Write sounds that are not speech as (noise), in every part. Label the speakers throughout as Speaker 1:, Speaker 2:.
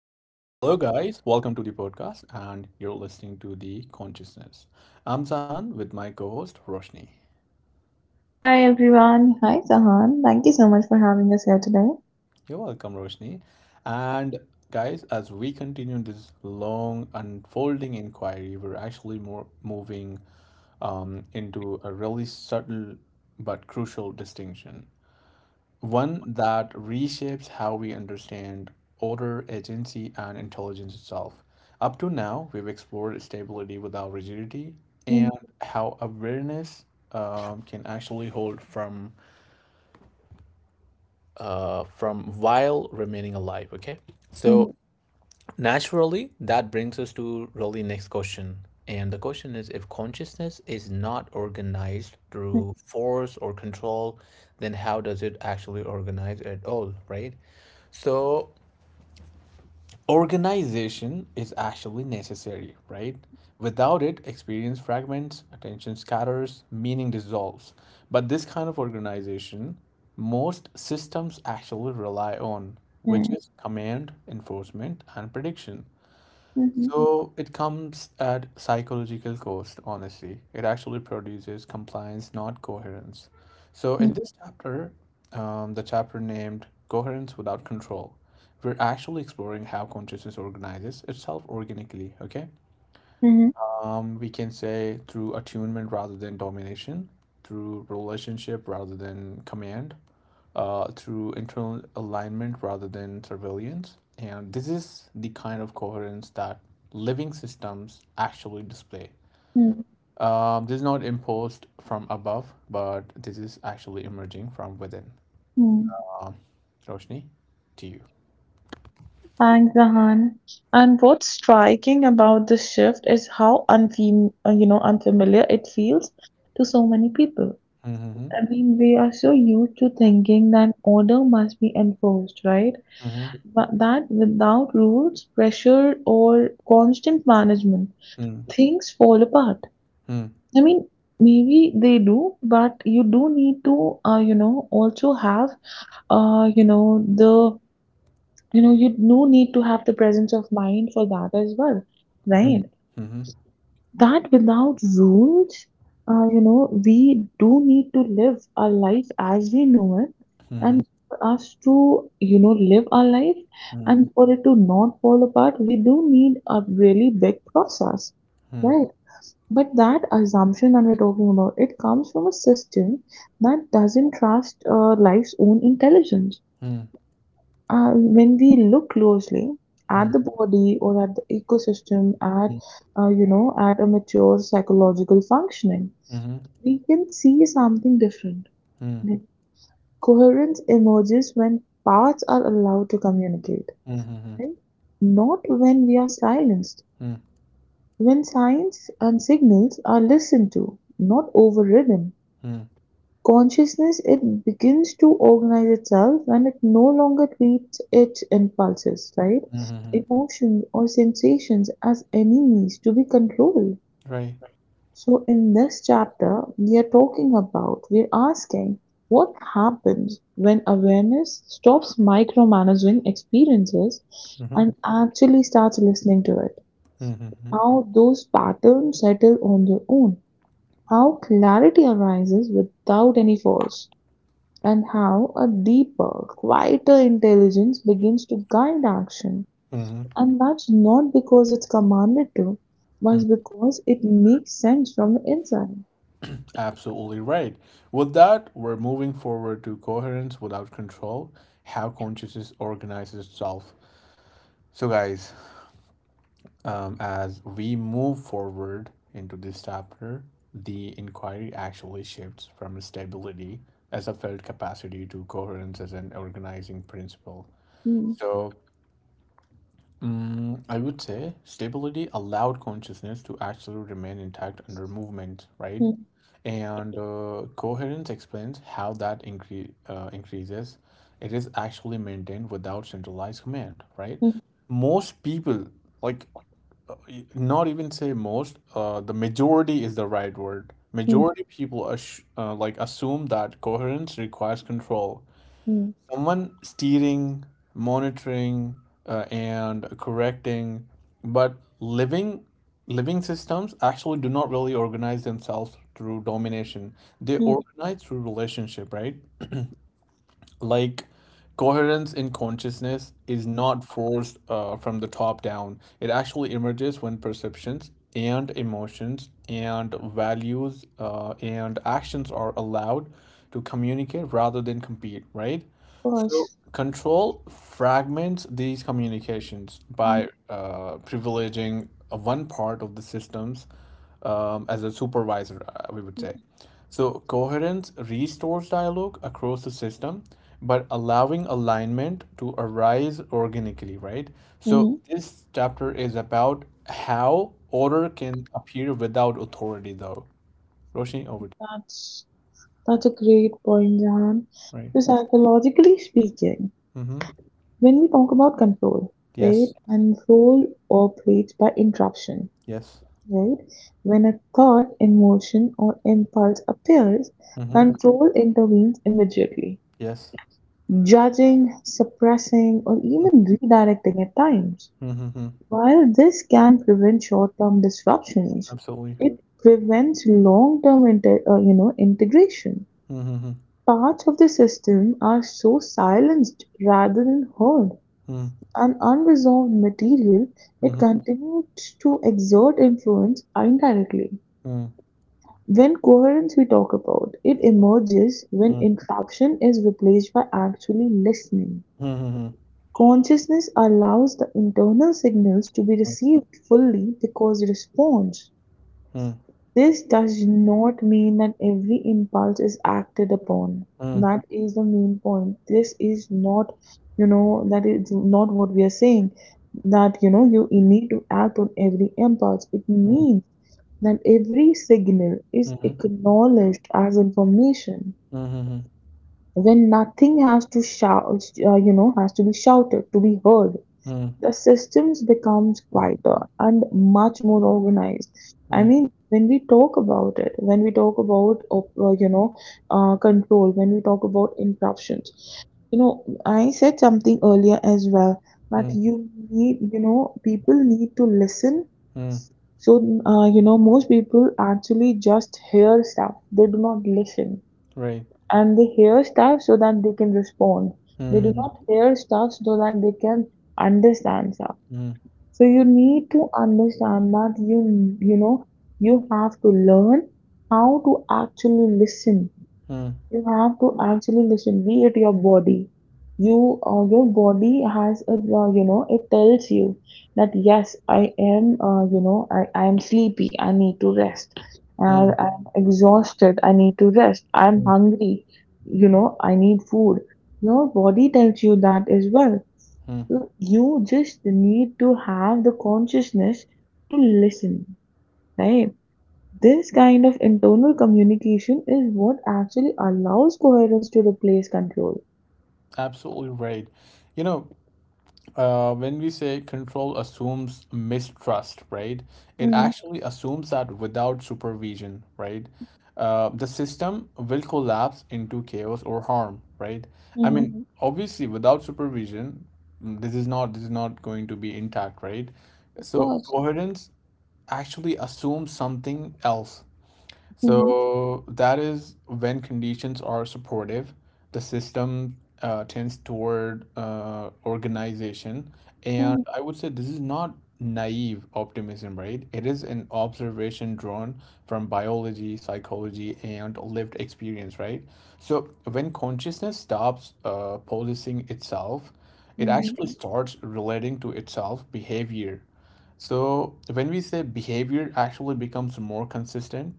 Speaker 1: Hello, guys. Welcome to the podcast, and you're listening to The Consciousness. I'm Sahan with my co host, Roshni.
Speaker 2: Hi everyone. Hi Sahan. Thank you so much for having us here today.
Speaker 1: You're welcome, Roshni. And, guys, as we continue this long unfolding inquiry, we're actually more moving into a really subtle but crucial distinction. One that reshapes how we understand order, agency, and intelligence itself. Up to now, we've explored stability without rigidity and how awareness can actually hold from while remaining alive. Okay, so naturally, that brings us to really next question. And the question is, if consciousness is not organized through force or control, then how does it actually organize at all, right? So organization is actually necessary, right? Without it, experience fragments, attention scatters, meaning dissolves. But this kind of organization, most systems actually rely on, which is command, enforcement, and prediction. So it comes at psychological cost, honestly. It actually produces compliance, not coherence. So in this chapter, the chapter named Coherence Without Control, we're actually exploring how consciousness organizes itself organically, okay? We can say through attunement rather than domination, through relationship rather than command, through internal alignment rather than surveillance. And this is the kind of coherence that living systems actually display. This is not imposed from above, but this is actually emerging from within. Um, Roshni, to you.
Speaker 2: Thanks, Zahan. And what's striking about this shift is how unfamiliar it feels to so many people. I
Speaker 1: Mm-hmm.
Speaker 2: mean, we are so used to thinking that order must be enforced, right?
Speaker 1: Mm-hmm.
Speaker 2: But that without rules, pressure, or constant management,
Speaker 1: Mm-hmm.
Speaker 2: things fall apart.
Speaker 1: Mm-hmm.
Speaker 2: I mean, maybe they do, but you do need to, also have, uh, you know, the, you do need to have the presence of mind for that as well, right?
Speaker 1: Mm-hmm.
Speaker 2: That without rules, we do need to live our life as we know it,
Speaker 1: Mm-hmm.
Speaker 2: and for us to, live our life,
Speaker 1: Mm-hmm.
Speaker 2: and for it to not fall apart, we do need a really big process,
Speaker 1: Mm-hmm.
Speaker 2: right? But that assumption that we're talking about, it comes from a system that doesn't trust life's own intelligence. When we look closely at
Speaker 1: Mm-hmm.
Speaker 2: the body or at the ecosystem, at at a mature psychological functioning,
Speaker 1: Mhm.
Speaker 2: we can see something different.
Speaker 1: Mm.
Speaker 2: Like, coherence emerges when parts are allowed to communicate,
Speaker 1: Mhm. Mhm.
Speaker 2: right? Not when we are silenced.
Speaker 1: Mm.
Speaker 2: When signs and signals are listened to, not overridden.
Speaker 1: Mm.
Speaker 2: Consciousness it begins to organize itself when it no longer treats its impulses, right?
Speaker 1: Mhm. Mhm.
Speaker 2: Emotions or sensations as enemies to be controlled.
Speaker 1: Right.
Speaker 2: So in this chapter we are talking about, we're asking what happens when awareness stops micromanaging experiences
Speaker 1: Mhm.
Speaker 2: and actually starts listening to it.
Speaker 1: Mhm. Mhm.
Speaker 2: How those patterns settle on their own. How clarity arises without any force. And how a deeper, quieter intelligence begins to guide action.
Speaker 1: Mhm.
Speaker 2: And that's not because it's commanded to,
Speaker 1: Mm.
Speaker 2: but because it makes sense from the inside.
Speaker 1: Absolutely right. With that, we're moving forward to coherence without control, how consciousness organizes itself. So, guys, as we move forward into this chapter, the inquiry actually shifts from stability as a felt capacity to coherence as an organizing principle.
Speaker 2: Hmm.
Speaker 1: So, I would say stability allowed consciousness to actually remain intact under movement, right?
Speaker 2: Hmm.
Speaker 1: And coherence explains how that increases. It is actually maintained without centralized command, right?
Speaker 2: Hmm.
Speaker 1: Most people, like, not even say most, the majority is the right word.
Speaker 2: Hmm.
Speaker 1: Majority people assume that coherence requires control,
Speaker 2: Hmm.
Speaker 1: someone steering, monitoring, and correcting, but living living systems actually do not really organize themselves through domination. They
Speaker 2: Hmm.
Speaker 1: organize through relationship, right? Like coherence in consciousness is not forced from the top down. It actually emerges when perceptions and emotions and values and actions are allowed to communicate rather than compete, right?
Speaker 2: Of
Speaker 1: So
Speaker 2: course.
Speaker 1: control fragments these communications
Speaker 2: Hmm.
Speaker 1: by privileging one part of the systems as a supervisor, we would say.
Speaker 2: Hmm.
Speaker 1: So coherence restores dialogue across the system, but allowing alignment to arise organically, right? So
Speaker 2: Hmm.
Speaker 1: this chapter is about how order can appear without authority, though. Roshni, over to you.
Speaker 2: That's that's a great point, Jahan.
Speaker 1: Right.
Speaker 2: So psychologically speaking,
Speaker 1: Mm-hmm.
Speaker 2: when we talk about control, right?
Speaker 1: Yes.
Speaker 2: Control operates by interruption,
Speaker 1: Yes.
Speaker 2: right? When a thought, emotion, or impulse appears,
Speaker 1: Mm-hmm.
Speaker 2: control intervenes immediately,
Speaker 1: Yes.
Speaker 2: judging, suppressing, or even redirecting at times.
Speaker 1: Mm-hmm. Mm-hmm.
Speaker 2: While this can prevent short-term disruptions,
Speaker 1: Absolutely.
Speaker 2: it prevents long-term integration.
Speaker 1: Mm-hmm.
Speaker 2: Parts of the system are so silenced rather than heard.
Speaker 1: Mm-hmm.
Speaker 2: An unresolved material, it
Speaker 1: Mm-hmm.
Speaker 2: continues to exert influence indirectly.
Speaker 1: Mm-hmm.
Speaker 2: When coherence we talk about, it emerges when interruption is replaced by actually listening.
Speaker 1: Mm-hmm.
Speaker 2: Consciousness allows the internal signals to be received fully because response.
Speaker 1: Mm-hmm.
Speaker 2: This does not mean that every impulse is acted upon.
Speaker 1: Mm-hmm.
Speaker 2: That is the main point. This is not, you know, that is not what we are saying. That, you know, you need to act on every impulse. It means that every signal is
Speaker 1: Mm-hmm.
Speaker 2: acknowledged as information
Speaker 1: Mm-hmm.
Speaker 2: when nothing has to shout, has to be shouted to be heard.
Speaker 1: Mm.
Speaker 2: The systems becomes quieter and much more organized. I
Speaker 1: Mm.
Speaker 2: mean, when we talk about it, when we talk about, control, when we talk about interruptions, you know, I said something earlier as well that
Speaker 1: Mm.
Speaker 2: you need, you know, people need to listen.
Speaker 1: Mm.
Speaker 2: So, most people actually just hear stuff, they do not listen
Speaker 1: Right.
Speaker 2: and they hear stuff so that they can respond. They do
Speaker 1: Mm.
Speaker 2: not hear stuff so that they can understand stuff.
Speaker 1: Mm.
Speaker 2: So you need to understand that you know you have to learn how to actually listen.
Speaker 1: Mm. Mm.
Speaker 2: You have to actually listen. Be it your body, your body has a, it tells you that yes I am, I am sleepy. I need to rest.
Speaker 1: Mm. Mm. Mm. Mm. Mm.
Speaker 2: I'm exhausted. I need to rest.
Speaker 1: Mm. Mm.
Speaker 2: I'm
Speaker 1: Mm. Mm. Mm.
Speaker 2: hungry. You know I need food. Your body tells you that as well.
Speaker 1: Mm. Mm.
Speaker 2: You just need to have the consciousness to listen, right? This kind of internal communication is what actually allows coherence to replace control.
Speaker 1: Absolutely right. You know, when we say control assumes mistrust, right? It
Speaker 2: Mm-hmm.
Speaker 1: actually assumes that without supervision, right, the system will collapse into chaos or harm, right? I mean,
Speaker 2: Mm-hmm.
Speaker 1: Mhm. Obviously, without supervision, mm, this is not going to be intact, right?
Speaker 2: Of
Speaker 1: So
Speaker 2: course.
Speaker 1: coherence actually assumes something else.
Speaker 2: Mm-hmm.
Speaker 1: So that is when conditions are supportive, the system tends toward organization. And
Speaker 2: Mm-hmm.
Speaker 1: I would say this is not naive optimism, right? It is an observation drawn from biology, psychology, and lived experience, right? So when consciousness stops policing itself, it
Speaker 2: Mm-hmm.
Speaker 1: actually Mhm. starts relating to itself behavior. So when we say behavior actually becomes more consistent,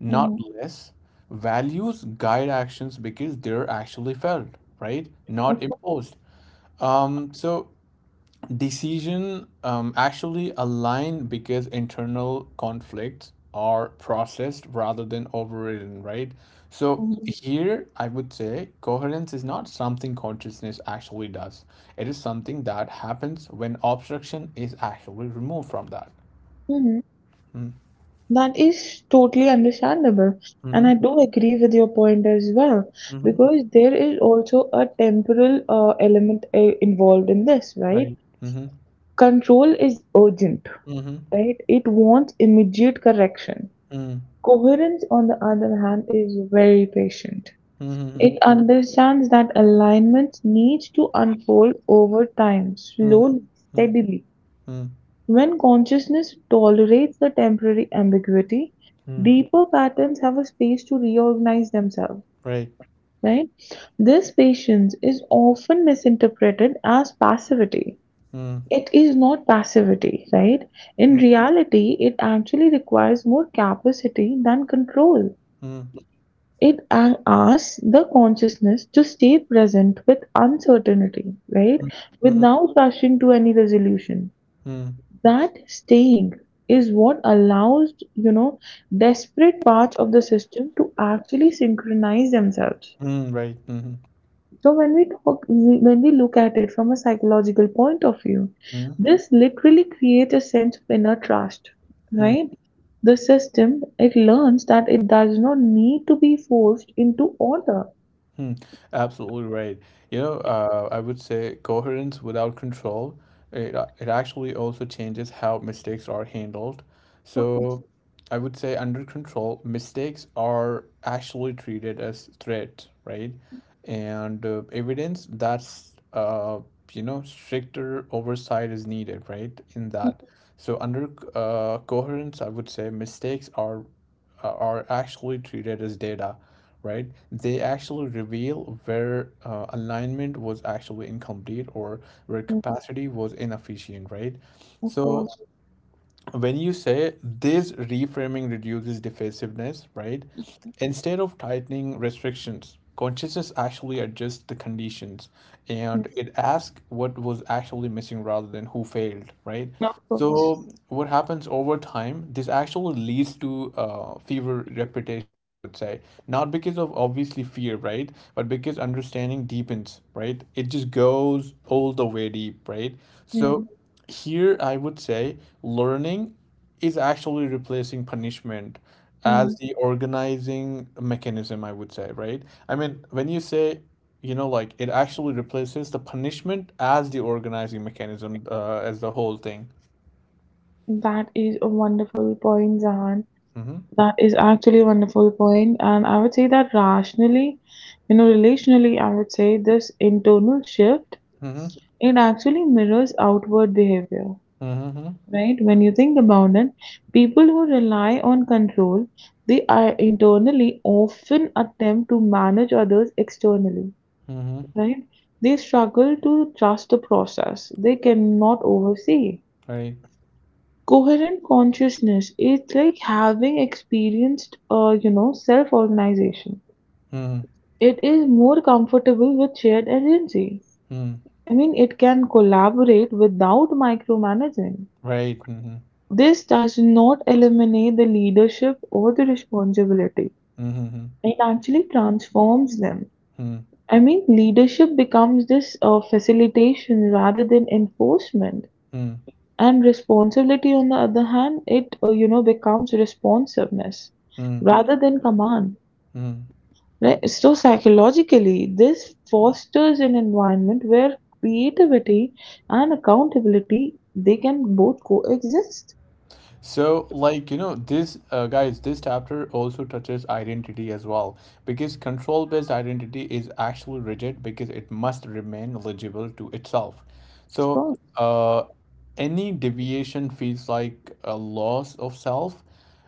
Speaker 1: not
Speaker 2: Mm-hmm.
Speaker 1: less. Values guide actions because they're actually felt, right? Not
Speaker 2: Of course.
Speaker 1: imposed. So decision actually align because internal conflicts are processed rather than overridden, right? So
Speaker 2: Mhm.
Speaker 1: here I would say coherence is not something consciousness actually does. It is something that happens when obstruction is actually removed from that.
Speaker 2: Mhm. That is totally understandable. And
Speaker 1: Mm-hmm.
Speaker 2: I do agree with your point as well,
Speaker 1: Mm-hmm.
Speaker 2: because there is also a temporal element involved in this, right?
Speaker 1: Right. Mm-hmm.
Speaker 2: Control is urgent,
Speaker 1: Mm-hmm.
Speaker 2: right? It wants immediate correction. Coherence, on the other hand, is very patient. It
Speaker 1: Mm-hmm.
Speaker 2: understands that alignments need to unfold over time,
Speaker 1: Mhm.
Speaker 2: slowly,
Speaker 1: Mm.
Speaker 2: steadily.
Speaker 1: Mm.
Speaker 2: When consciousness tolerates the temporary ambiguity,
Speaker 1: Mm.
Speaker 2: deeper patterns have a space to reorganize themselves,
Speaker 1: Right.
Speaker 2: right? This patience is often misinterpreted as passivity.
Speaker 1: Mm.
Speaker 2: It is not passivity, right? In
Speaker 1: Mm.
Speaker 2: reality, it actually requires more capacity than control.
Speaker 1: Mm.
Speaker 2: It asks the consciousness to stay present with uncertainty, right?
Speaker 1: Mm. Mhm.
Speaker 2: Without rushing to any resolution.
Speaker 1: Mm.
Speaker 2: That staying is what allows, you know, desperate parts of the system to actually synchronize themselves.
Speaker 1: Mm. Right. Mhm.
Speaker 2: So when we look at it from a psychological point of view,
Speaker 1: Mm.
Speaker 2: this literally creates a sense of inner trust,
Speaker 1: Mm.
Speaker 2: right? The system, it learns that it does not need to be forced into order.
Speaker 1: Hmm, absolutely right. You know, I would say coherence without control, it actually also changes how mistakes are handled.
Speaker 2: Of course.
Speaker 1: So I would say under control, mistakes are actually treated as threats, right? And evidence that's, you know, stricter oversight is needed, right? In that. So under coherence, I would say mistakes are are actually treated as data, right? They actually reveal where alignment was actually incomplete or where
Speaker 2: Mm,
Speaker 1: capacity was inefficient, right?
Speaker 2: of
Speaker 1: So
Speaker 2: course.
Speaker 1: when you say this reframing reduces defensiveness, right? Instead of tightening restrictions, consciousness actually adjusts the conditions
Speaker 2: Mm.
Speaker 1: and it asks what was actually missing rather than who failed, right?
Speaker 2: Of course.
Speaker 1: So what happens over time, this actually leads to fever reputation, I would say. Not because of obviously fear, right? But because understanding deepens, right? It just goes all the way deep, right?
Speaker 2: Mm.
Speaker 1: So here, I would say learning is actually replacing punishment as
Speaker 2: Mm.
Speaker 1: the organizing mechanism, I would say, right? I mean, when you say, you know, like it actually replaces the punishment as the organizing mechanism, as the whole thing.
Speaker 2: That is a wonderful point, Zahan.
Speaker 1: Mm-hmm.
Speaker 2: That is actually a wonderful point, and I would say that rationally, you know, relationally, I would say this internal shift
Speaker 1: Mm-hmm.
Speaker 2: it actually mirrors outward behavior,
Speaker 1: Mm-hmm.
Speaker 2: right? When you think about it, people who rely on control they are internally often attempt to manage others externally,
Speaker 1: Mm-hmm.
Speaker 2: right? They struggle to trust the process they cannot oversee.
Speaker 1: Right.
Speaker 2: Coherent consciousness is like having experienced, self organization.
Speaker 1: Mm-hmm.
Speaker 2: It is more comfortable with shared agency.
Speaker 1: Mm.
Speaker 2: I mean it can collaborate without micromanaging.
Speaker 1: Right. Mm-hmm.
Speaker 2: This does not eliminate the leadership or the responsibility.
Speaker 1: Mm-hmm.
Speaker 2: It actually transforms them.
Speaker 1: Mm-hmm.
Speaker 2: I mean, leadership becomes this facilitation rather than enforcement, and responsibility, on the other hand, it, becomes responsiveness
Speaker 1: Mm-hmm.
Speaker 2: rather than command.
Speaker 1: Mm-hmm.
Speaker 2: Right? So psychologically, this fosters an environment where creativity and accountability they can both coexist.
Speaker 1: So, like, you know, this guys, this chapter also touches identity as well because control based identity is actually rigid because it must remain legible to itself.
Speaker 2: Of
Speaker 1: So,
Speaker 2: course,
Speaker 1: uh, any deviation feels like a loss of self.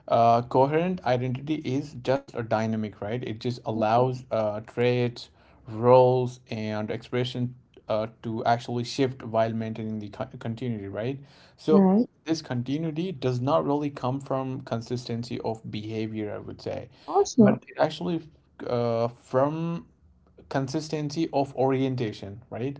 Speaker 1: Coherent identity is just a dynamic, right? It just allows traits, roles, and expression to actually shift while maintaining the continuity, right? So
Speaker 2: right?
Speaker 1: this continuity does not really come from consistency of behavior, I would say,
Speaker 2: Of course
Speaker 1: but
Speaker 2: not.
Speaker 1: it actually from consistency of orientation, right?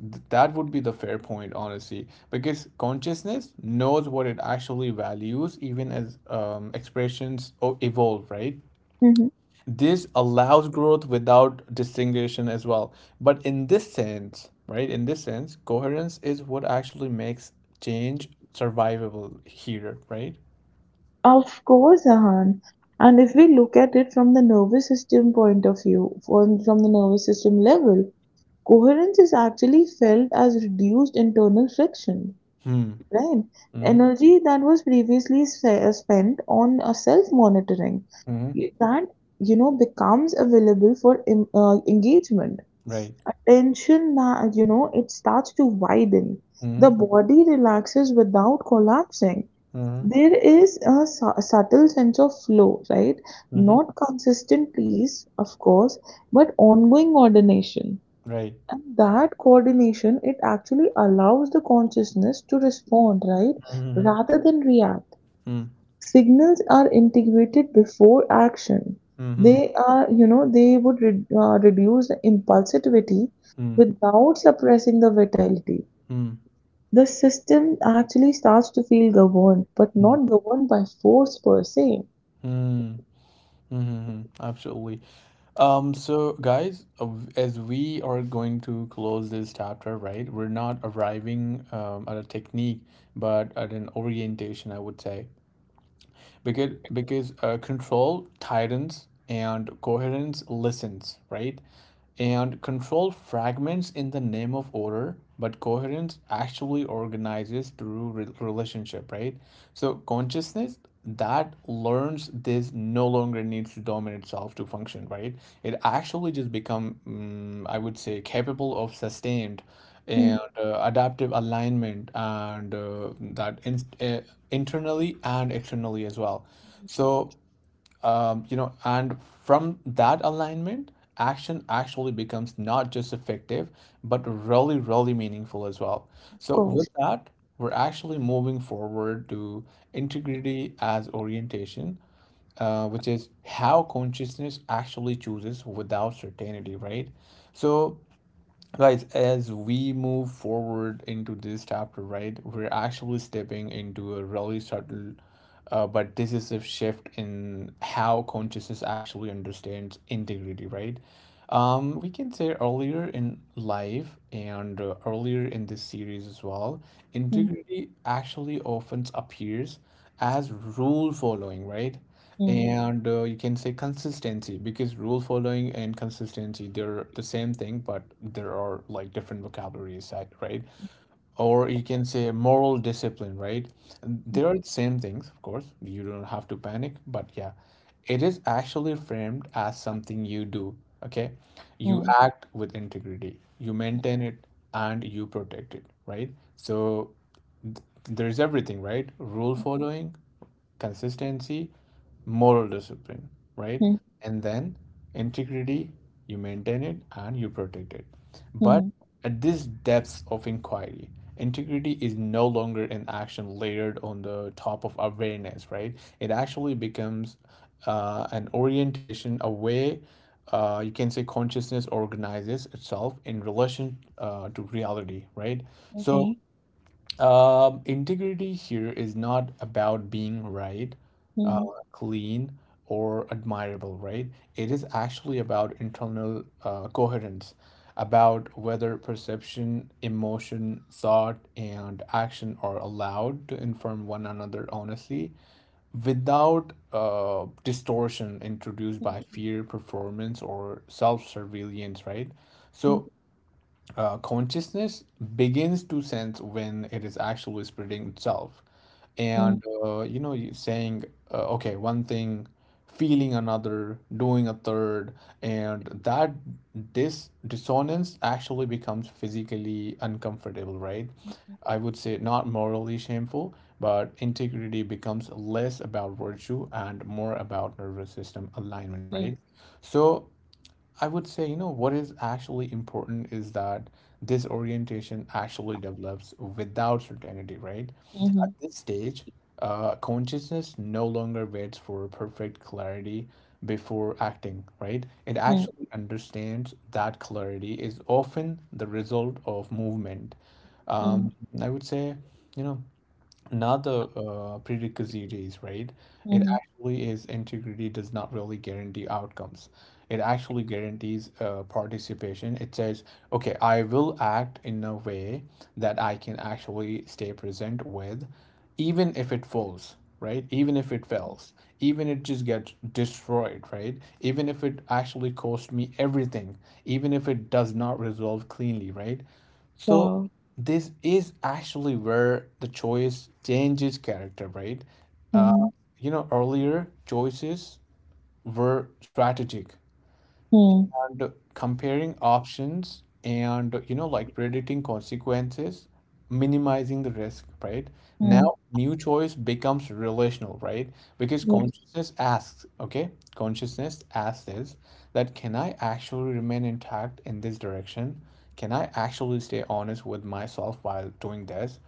Speaker 1: That would be the fair point, honestly, because consciousness knows what it actually values, even as expressions evolve, right?
Speaker 2: Mhm.
Speaker 1: This allows growth without distinction as well. But in this sense, right, in this sense, coherence is what actually makes change survivable here, right?
Speaker 2: Of course, Ahan. And if we look at it from the nervous system point of view, from the nervous system level, coherence is actually felt as reduced internal friction,
Speaker 1: Hmm.
Speaker 2: right?
Speaker 1: Hmm.
Speaker 2: Energy that was previously spent on self-monitoring,
Speaker 1: Hmm.
Speaker 2: that, you know, becomes available for engagement.
Speaker 1: Right.
Speaker 2: Attention that you know it starts to widen. The
Speaker 1: Hmm.
Speaker 2: body relaxes without collapsing.
Speaker 1: Hmm.
Speaker 2: There is a subtle sense of flow, right?
Speaker 1: Hmm.
Speaker 2: Not consistent peace of course, but ongoing coordination.
Speaker 1: Right.
Speaker 2: And that coordination it actually allows the consciousness to respond, right?
Speaker 1: Hmm.
Speaker 2: Rather than react. Signals are integrated before action.
Speaker 1: Hmm.
Speaker 2: They are, you know, they would reduce the impulsivity
Speaker 1: Hmm.
Speaker 2: without suppressing the vitality.
Speaker 1: Mm.
Speaker 2: The system actually starts to feel governed, but
Speaker 1: Mm.
Speaker 2: not governed by force per se.
Speaker 1: Mm. Mm-hmm. Absolutely. So guys, as we are going to close this chapter, right? We're not arriving at a technique, but at an orientation, I would say. Because control tightens and coherence listens, right? And control fragments in the name of order, but coherence actually organizes through relationship, right? So consciousness that learns this no longer needs to dominate itself to function, right? It actually just become mm, I would say capable of sustained
Speaker 2: Mm.
Speaker 1: and adaptive alignment and internally and externally as well. So you know, and from that alignment, action actually becomes not just effective but really really meaningful as well.
Speaker 2: Of
Speaker 1: So with
Speaker 2: course.
Speaker 1: that, we're actually moving forward to integrity as orientation, which is how consciousness actually chooses without certainty, right? So guys, as we move forward into this chapter, right, we're actually stepping into a really subtle, but this is a shift in how consciousness actually understands integrity, right? We can say earlier in life and earlier in this series as well,
Speaker 2: Mm.
Speaker 1: integrity actually often appears as rule following, right?
Speaker 2: Mm.
Speaker 1: And you can say consistency because rule following and consistency, they're the same thing, but there are like different vocabularies, right? Or you can say moral discipline, right?
Speaker 2: Mm.
Speaker 1: They are the same things, of course. You don't have to panic, but yeah, it is actually framed as something you do, okay? You
Speaker 2: Mm.
Speaker 1: act with integrity, you maintain it, and you protect it, right? So there's everything, right? Rule following, consistency, moral discipline, right?
Speaker 2: Mm.
Speaker 1: And then integrity, you maintain it and you protect it. But
Speaker 2: Mm.
Speaker 1: at this depth of inquiry, integrity is no longer an action layered on the top of awareness, right? It actually becomes an orientation, a way you can say consciousness organizes itself in relation to reality, right? So
Speaker 2: Okay.
Speaker 1: integrity here is not about being right, uh,
Speaker 2: Mm.
Speaker 1: clean, or admirable, right? It is actually about internal coherence, about whether perception, emotion, thought, and action are allowed to inform one another honestly without distortion introduced
Speaker 2: Mm.
Speaker 1: by fear, performance, or self surveillance, right?
Speaker 2: Mm.
Speaker 1: So consciousness begins to sense when it is actually spreading itself.
Speaker 2: Mm.
Speaker 1: And, you know, you saying, okay, one thing, feeling another, doing a third, and that this dissonance actually becomes physically uncomfortable, right?
Speaker 2: Mm.
Speaker 1: I would say not morally shameful, but integrity becomes less about virtue and more about nervous system alignment,
Speaker 2: Mm.
Speaker 1: right? So I would say, you know, what is actually important is that this orientation actually develops without certainty, right?
Speaker 2: Mm.
Speaker 1: At this stage, consciousness no longer waits for perfect clarity before acting, right? It
Speaker 2: Mm.
Speaker 1: actually understands that clarity is often the result of movement.
Speaker 2: Mm.
Speaker 1: Um, I would say, you know, not the prerequisites, right? It
Speaker 2: Mm.
Speaker 1: actually is integrity does not really guarantee outcomes. It actually guarantees participation. It says, okay, I will act in a way that I can actually stay present with, even if it falls, right? Even if it fails, even it just gets destroyed, right? Even if it actually cost me everything, even if it does not resolve cleanly, right? So
Speaker 2: Wow.
Speaker 1: this is actually where the choice changes character, right? Uh,
Speaker 2: Mm.
Speaker 1: you know, earlier choices were strategic
Speaker 2: Mm.
Speaker 1: and comparing options and, you know, like predicting consequences, minimizing the risk, right?
Speaker 2: Mm.
Speaker 1: Now, new choice becomes relational, right? Because
Speaker 2: Yes.
Speaker 1: consciousness asks, okay, consciousness asks this that can I actually remain intact in this direction? Can I actually stay honest with myself while doing this?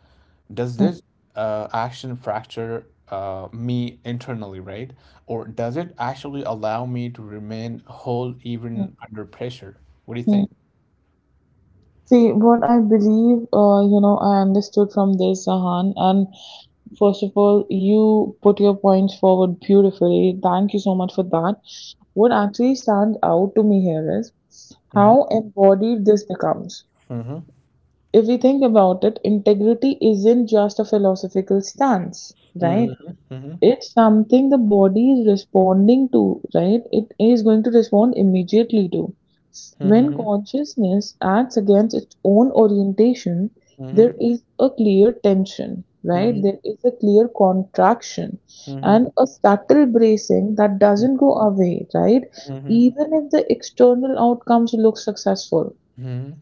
Speaker 1: Does
Speaker 2: Mm.
Speaker 1: this action fracture me internally, right? Or does it actually allow me to remain whole
Speaker 2: Mm.
Speaker 1: even under pressure? What do you
Speaker 2: Mm.
Speaker 1: think?
Speaker 2: See, what I believe, I understood from this, Sahan, and first of all, you put your points forward beautifully. Thank you so much for that. What actually stands out to me here is
Speaker 1: Mhm,
Speaker 2: how embodied this becomes.
Speaker 1: mhm,
Speaker 2: If we think about it, integrity isn't just a philosophical stance, right?
Speaker 1: mhm, mhm,
Speaker 2: It's something the body is responding to, right? It is going to respond immediately to.
Speaker 1: mhm,
Speaker 2: When
Speaker 1: mhm,
Speaker 2: consciousness acts against its own orientation, there
Speaker 1: mhm,
Speaker 2: is a clear tension, right?
Speaker 1: mhm,
Speaker 2: There is a clear contraction
Speaker 1: mhm, mhm, mhm,
Speaker 2: and a subtle bracing that doesn't go away, right? Even if the external outcomes look successful.
Speaker 1: mhm,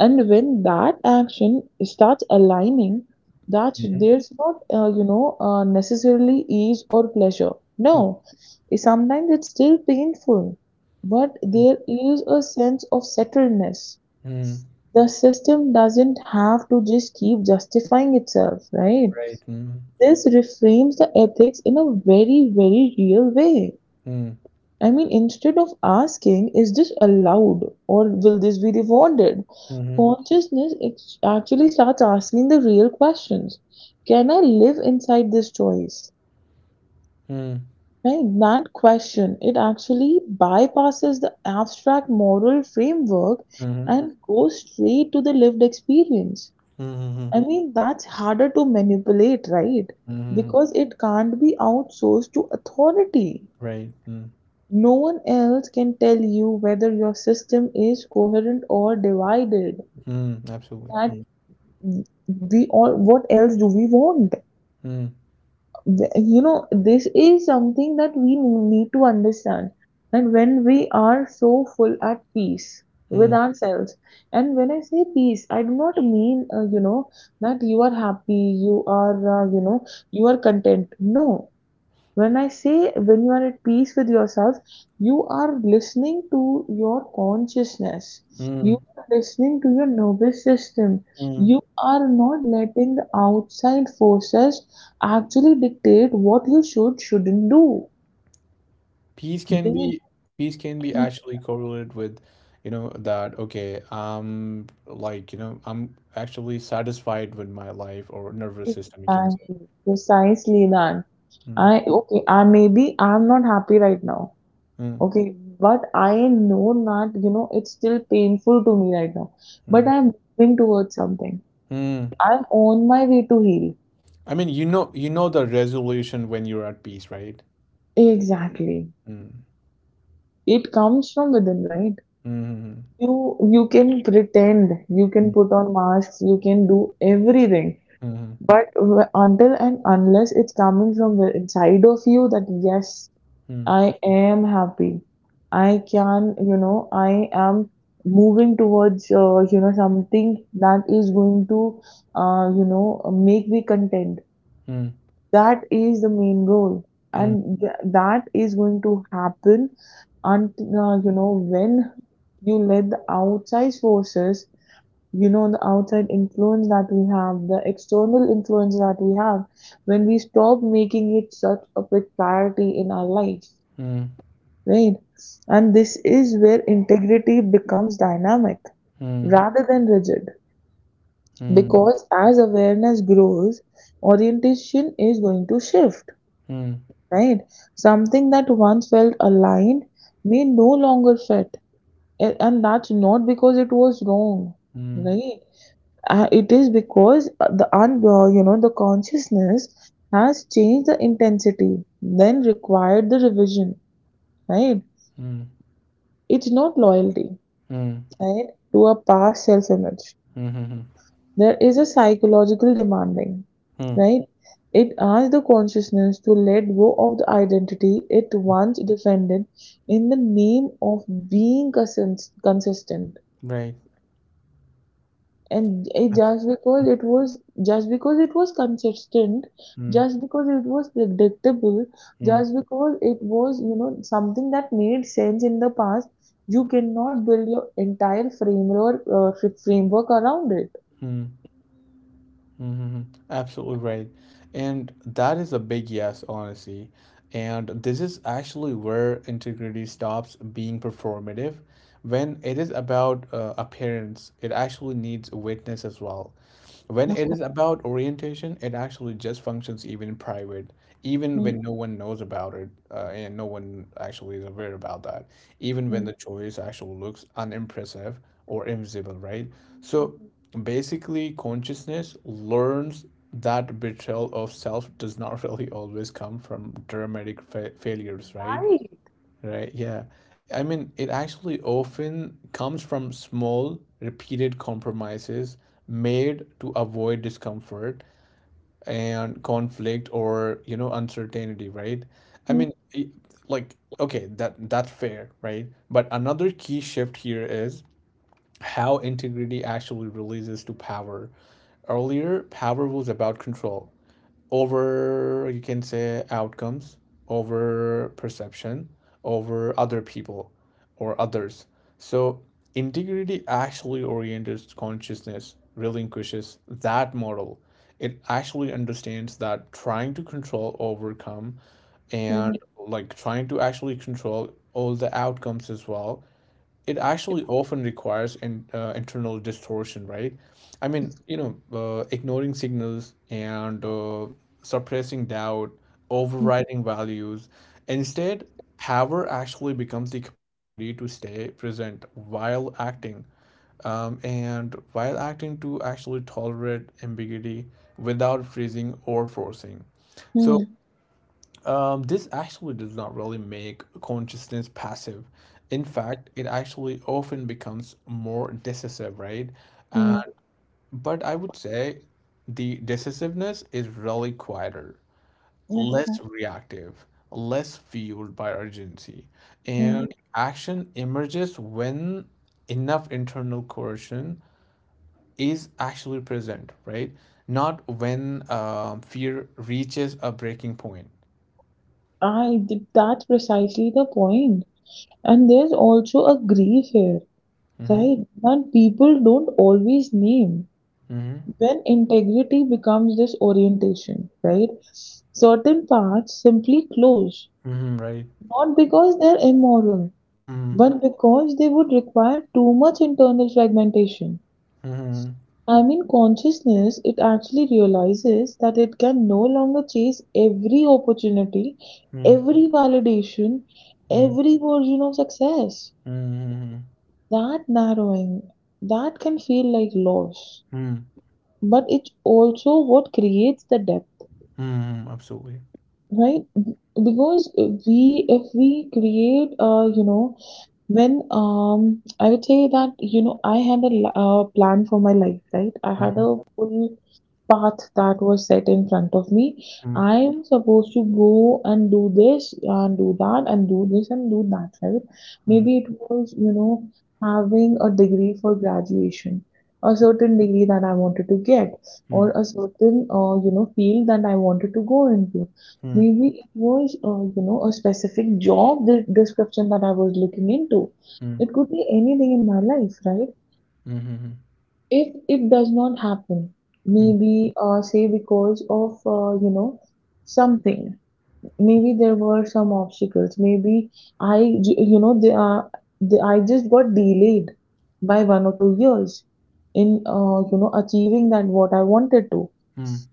Speaker 2: And when that action starts aligning, that's
Speaker 1: mhm,
Speaker 2: there's not, necessarily ease or pleasure. No, sometimes it's still painful, but
Speaker 1: mhm,
Speaker 2: there is a sense of settledness.
Speaker 1: mhm,
Speaker 2: The system doesn't have to just keep justifying itself, right?
Speaker 1: right. Mhm,
Speaker 2: This reframes the ethics in a very, very real way.
Speaker 1: mhm,
Speaker 2: I mean, instead of asking, is this allowed or will this be rewarded?
Speaker 1: mhm,
Speaker 2: Consciousness actually starts asking the real questions. Can I live inside this choice?
Speaker 1: mhm,
Speaker 2: Right? That question, it actually bypasses the abstract moral framework
Speaker 1: mhm,
Speaker 2: and goes straight to the lived experience.
Speaker 1: mhm,
Speaker 2: I mean, that's harder to manipulate, right?
Speaker 1: mhm,
Speaker 2: Because it can't be outsourced to authority.
Speaker 1: right. Hmm.
Speaker 2: No one else can tell you whether your system is coherent or divided.
Speaker 1: Hmm.
Speaker 2: That
Speaker 1: Absolutely.
Speaker 2: we all, what else do we want?
Speaker 1: Mm,
Speaker 2: You know, this is something that we need to understand. And when we are so full at peace with
Speaker 1: mm,
Speaker 2: ourselves, and when I say peace, I do not mean, that you are happy, you are, you are content. No, when I say when you are at peace with yourself, you are listening to your consciousness.
Speaker 1: mm,
Speaker 2: You are listening to your nervous system.
Speaker 1: mm,
Speaker 2: You are not letting the outside forces actually dictate what you should, shouldn't do.
Speaker 1: peace can
Speaker 2: They
Speaker 1: be peace can be actually correlated with, you know, that okay, I'm like, you know, I'm actually satisfied with my life or nervous system, you can say.
Speaker 2: exactly, precisely that.
Speaker 1: Mm,
Speaker 2: I okay, I maybe I'm not happy right now.
Speaker 1: mm,
Speaker 2: Okay, but I know that you know it's still painful to me right now.
Speaker 1: mm,
Speaker 2: But I'm moving towards something.
Speaker 1: mm.
Speaker 2: I'm on my way to heal.
Speaker 1: I mean, you know the resolution when you're at peace, right?
Speaker 2: Exactly.
Speaker 1: Mm,
Speaker 2: It comes from within, right?
Speaker 1: mm,
Speaker 2: You you can pretend, you
Speaker 1: mm,
Speaker 2: can put on masks, you can do everything,
Speaker 1: mm,
Speaker 2: but until and unless it's coming from the inside of you that yes,
Speaker 1: mm, mm,
Speaker 2: I am happy. I can, I am moving towards something that is going to uh, you know make me content.
Speaker 1: mm,
Speaker 2: That is the main goal, and that is going to happen until when you let the outside forces, you know, the outside influence that we have, the external influence that we have, when we stop making it such a big priority in our life,
Speaker 1: mm,
Speaker 2: right? And this is where integrity becomes dynamic
Speaker 1: mm, mm,
Speaker 2: rather than rigid,
Speaker 1: mm, mm, mm,
Speaker 2: because as awareness grows, orientation is going to shift.
Speaker 1: mm,
Speaker 2: Right? Something that once felt aligned may no longer fit. And that's not because it was wrong, right? It is because the un- you know the consciousness has changed the intensity, then required the revision, right? It's not loyalty, right, to a past self-image.
Speaker 1: mm, mm, mm,
Speaker 2: There is a psychological demanding,
Speaker 1: mm,
Speaker 2: right? It asks the consciousness to let go of the identity it once defended in the name of being consistent,
Speaker 1: right.
Speaker 2: and it
Speaker 1: Abs-
Speaker 2: just because it was, just because it was consistent,
Speaker 1: Mm,
Speaker 2: just because it was predictable,
Speaker 1: mm,
Speaker 2: just because it was, something that made sense in the past, you cannot build your entire framework framework around it.
Speaker 1: mm, mm-hmm. Absolutely right. And that is a big yes, honestly. And this is actually where integrity stops being performative. When it is about appearance, it actually needs witness as well. When
Speaker 2: Of
Speaker 1: it is
Speaker 2: course.
Speaker 1: about orientation, it actually just functions even in private, even
Speaker 2: Mm,
Speaker 1: when no one knows about it, and no one actually is aware about that, even when
Speaker 2: mm,
Speaker 1: the choice actually looks unimpressive or invisible, right?
Speaker 2: mm.
Speaker 1: So basically, consciousness learns that betrayal of self does not (laughs) really always come from dramatic fa failures, right?
Speaker 2: Right.
Speaker 1: Right, yeah. I mean, it actually often comes from small, repeated compromises made to avoid discomfort and conflict or, you know, uncertainty, right? I
Speaker 2: Mhm,
Speaker 1: mean, like, okay, that's fair, right? But another key shift here is how integrity actually releases to power. Earlier, power was about control over, you can say, outcomes, over perception, over other people or others. So integrity actually oriented consciousness relinquishes that model. It actually understands that trying to control overcome and,
Speaker 2: mhm,
Speaker 1: like, trying to actually control all the outcomes as well, it actually often requires an internal distortion, right? I mean, you know, ignoring signals and suppressing doubt,
Speaker 2: mhm,
Speaker 1: overriding values. Instead, power actually becomes the capacity to stay present while acting, and while acting to actually tolerate ambiguity without freezing or forcing. So this actually does not really make consciousness passive. In fact, it actually often becomes more decisive, right? And
Speaker 2: mhm,
Speaker 1: but I would say the decisiveness is really quieter,
Speaker 2: mhm,
Speaker 1: less reactive, less fueled by urgency,
Speaker 2: mhm.
Speaker 1: and action emerges when enough internal coercion is actually present, right? Not when fear reaches a breaking point.
Speaker 2: I did That's precisely the point. And there's also a grief here,
Speaker 1: Mm-hmm.
Speaker 2: right? That people don't always name
Speaker 1: Mm-hmm.
Speaker 2: when integrity becomes this orientation, right? Certain paths simply close,
Speaker 1: Mhm, right.
Speaker 2: not because they're immoral,
Speaker 1: Mhm,
Speaker 2: but because they would require too much internal fragmentation.
Speaker 1: mhm,
Speaker 2: I mean, consciousness, it actually realizes that it can no longer chase every opportunity,
Speaker 1: mhm,
Speaker 2: every validation,
Speaker 1: mhm,
Speaker 2: every version of success.
Speaker 1: mhm,
Speaker 2: That narrowing, that can feel like loss.
Speaker 1: mhm,
Speaker 2: But it's also what creates the depth,
Speaker 1: mhm, absolutely.
Speaker 2: right? Because if we create, when I would say that, you know, I had a plan for my life, right? I had
Speaker 1: Mhm,
Speaker 2: a full path that was set in front of me.
Speaker 1: mhm,
Speaker 2: I am supposed to go and do this and do that and do this and do that, right? Maybe it was, you know, having a degree for graduation, a certain degree that I wanted to get,
Speaker 1: mhm,
Speaker 2: or a certain, field that I wanted to go into.
Speaker 1: mhm,
Speaker 2: Maybe it was, a specific job the description that I was looking into.
Speaker 1: mhm,
Speaker 2: It could be anything in my life, right?
Speaker 1: mhm, mhm,
Speaker 2: If it does not happen,
Speaker 1: mhm,
Speaker 2: maybe say because of, something. Maybe there were some obstacles. I you know, I just got delayed by 1 or 2 years in achieving that what I wanted to.
Speaker 1: mhm,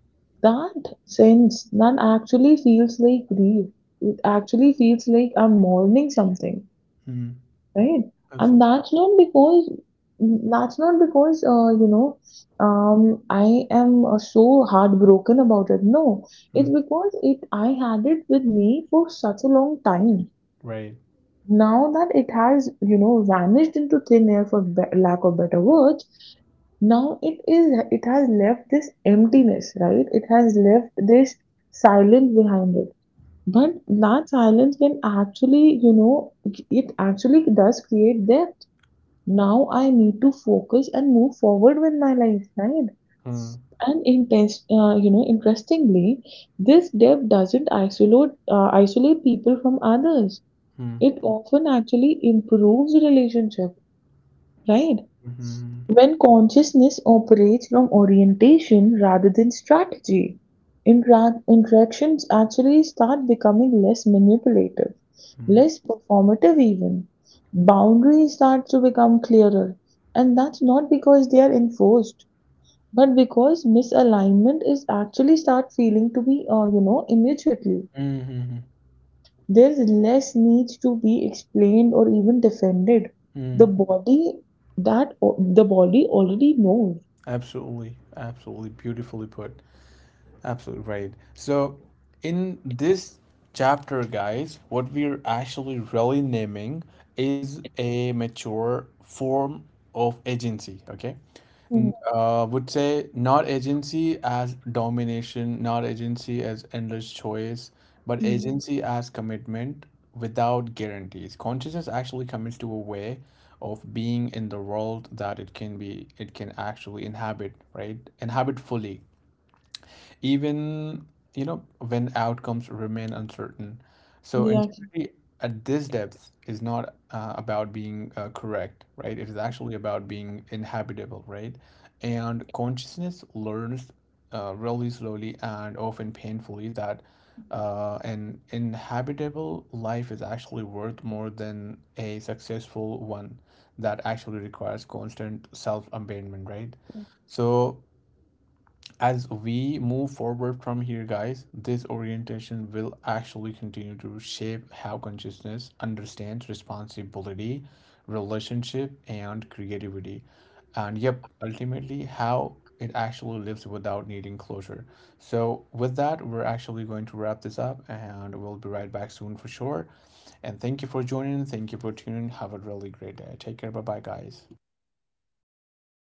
Speaker 2: That sense that actually feels like grief, it actually feels like I'm mourning something.
Speaker 1: mhm,
Speaker 2: Right? And
Speaker 1: absolutely.
Speaker 2: that's not because that's not because, I am so heartbroken about it. No, it's
Speaker 1: Mhm,
Speaker 2: because it I had it with me for such a long time.
Speaker 1: right.
Speaker 2: Now that it has, you know, vanished into thin air for be lack of better words, now it has left this emptiness, right? It has left this silence behind it. But that silence can actually, you know, it actually does create depth. Now I need to focus and move forward with my life, right?
Speaker 1: Mhm,
Speaker 2: And intense, interestingly, this depth doesn't isolate people from others.
Speaker 1: mhm,
Speaker 2: It often actually improves relationship, right?
Speaker 1: mhm,
Speaker 2: When consciousness operates from orientation rather than strategy, interactions actually start becoming less manipulative,
Speaker 1: mhm,
Speaker 2: less performative, even. Boundaries start to become clearer, and that's not because they are enforced, but because misalignment is actually start feeling to be, immediately.
Speaker 1: mhm, mhm,
Speaker 2: There's less need to be explained or even defended. The
Speaker 1: mhm,
Speaker 2: body, the body already knows.
Speaker 1: absolutely, absolutely beautifully put. Absolutely right. So, in this chapter, guys, what we're actually really naming is a mature form of agency, okay? Would say not agency as domination, not agency as endless choice, but
Speaker 2: 嗯，
Speaker 1: agency as commitment without guarantees. Consciousness actually commits to a way of being in the world that it can actually inhabit, right? Inhabit fully even, you know, when outcomes remain uncertain. So
Speaker 2: 对啊。
Speaker 1: integrity at this depth is not about being correct, right? It is actually about being inhabitable, right? And consciousness learns really slowly and often painfully that an inhabitable life is actually worth more than a successful one that actually requires constant self-abandonment, right? So as we move forward from here, guys, this orientation will actually continue to shape how consciousness understands responsibility, relationship, and creativity, and yep, ultimately how it actually lives without needing closure. So with that, we're actually going to wrap this up and we'll be right back soon for sure. And thank you for joining, thank you for tuning, have a really great day. Take care, bye bye, guys.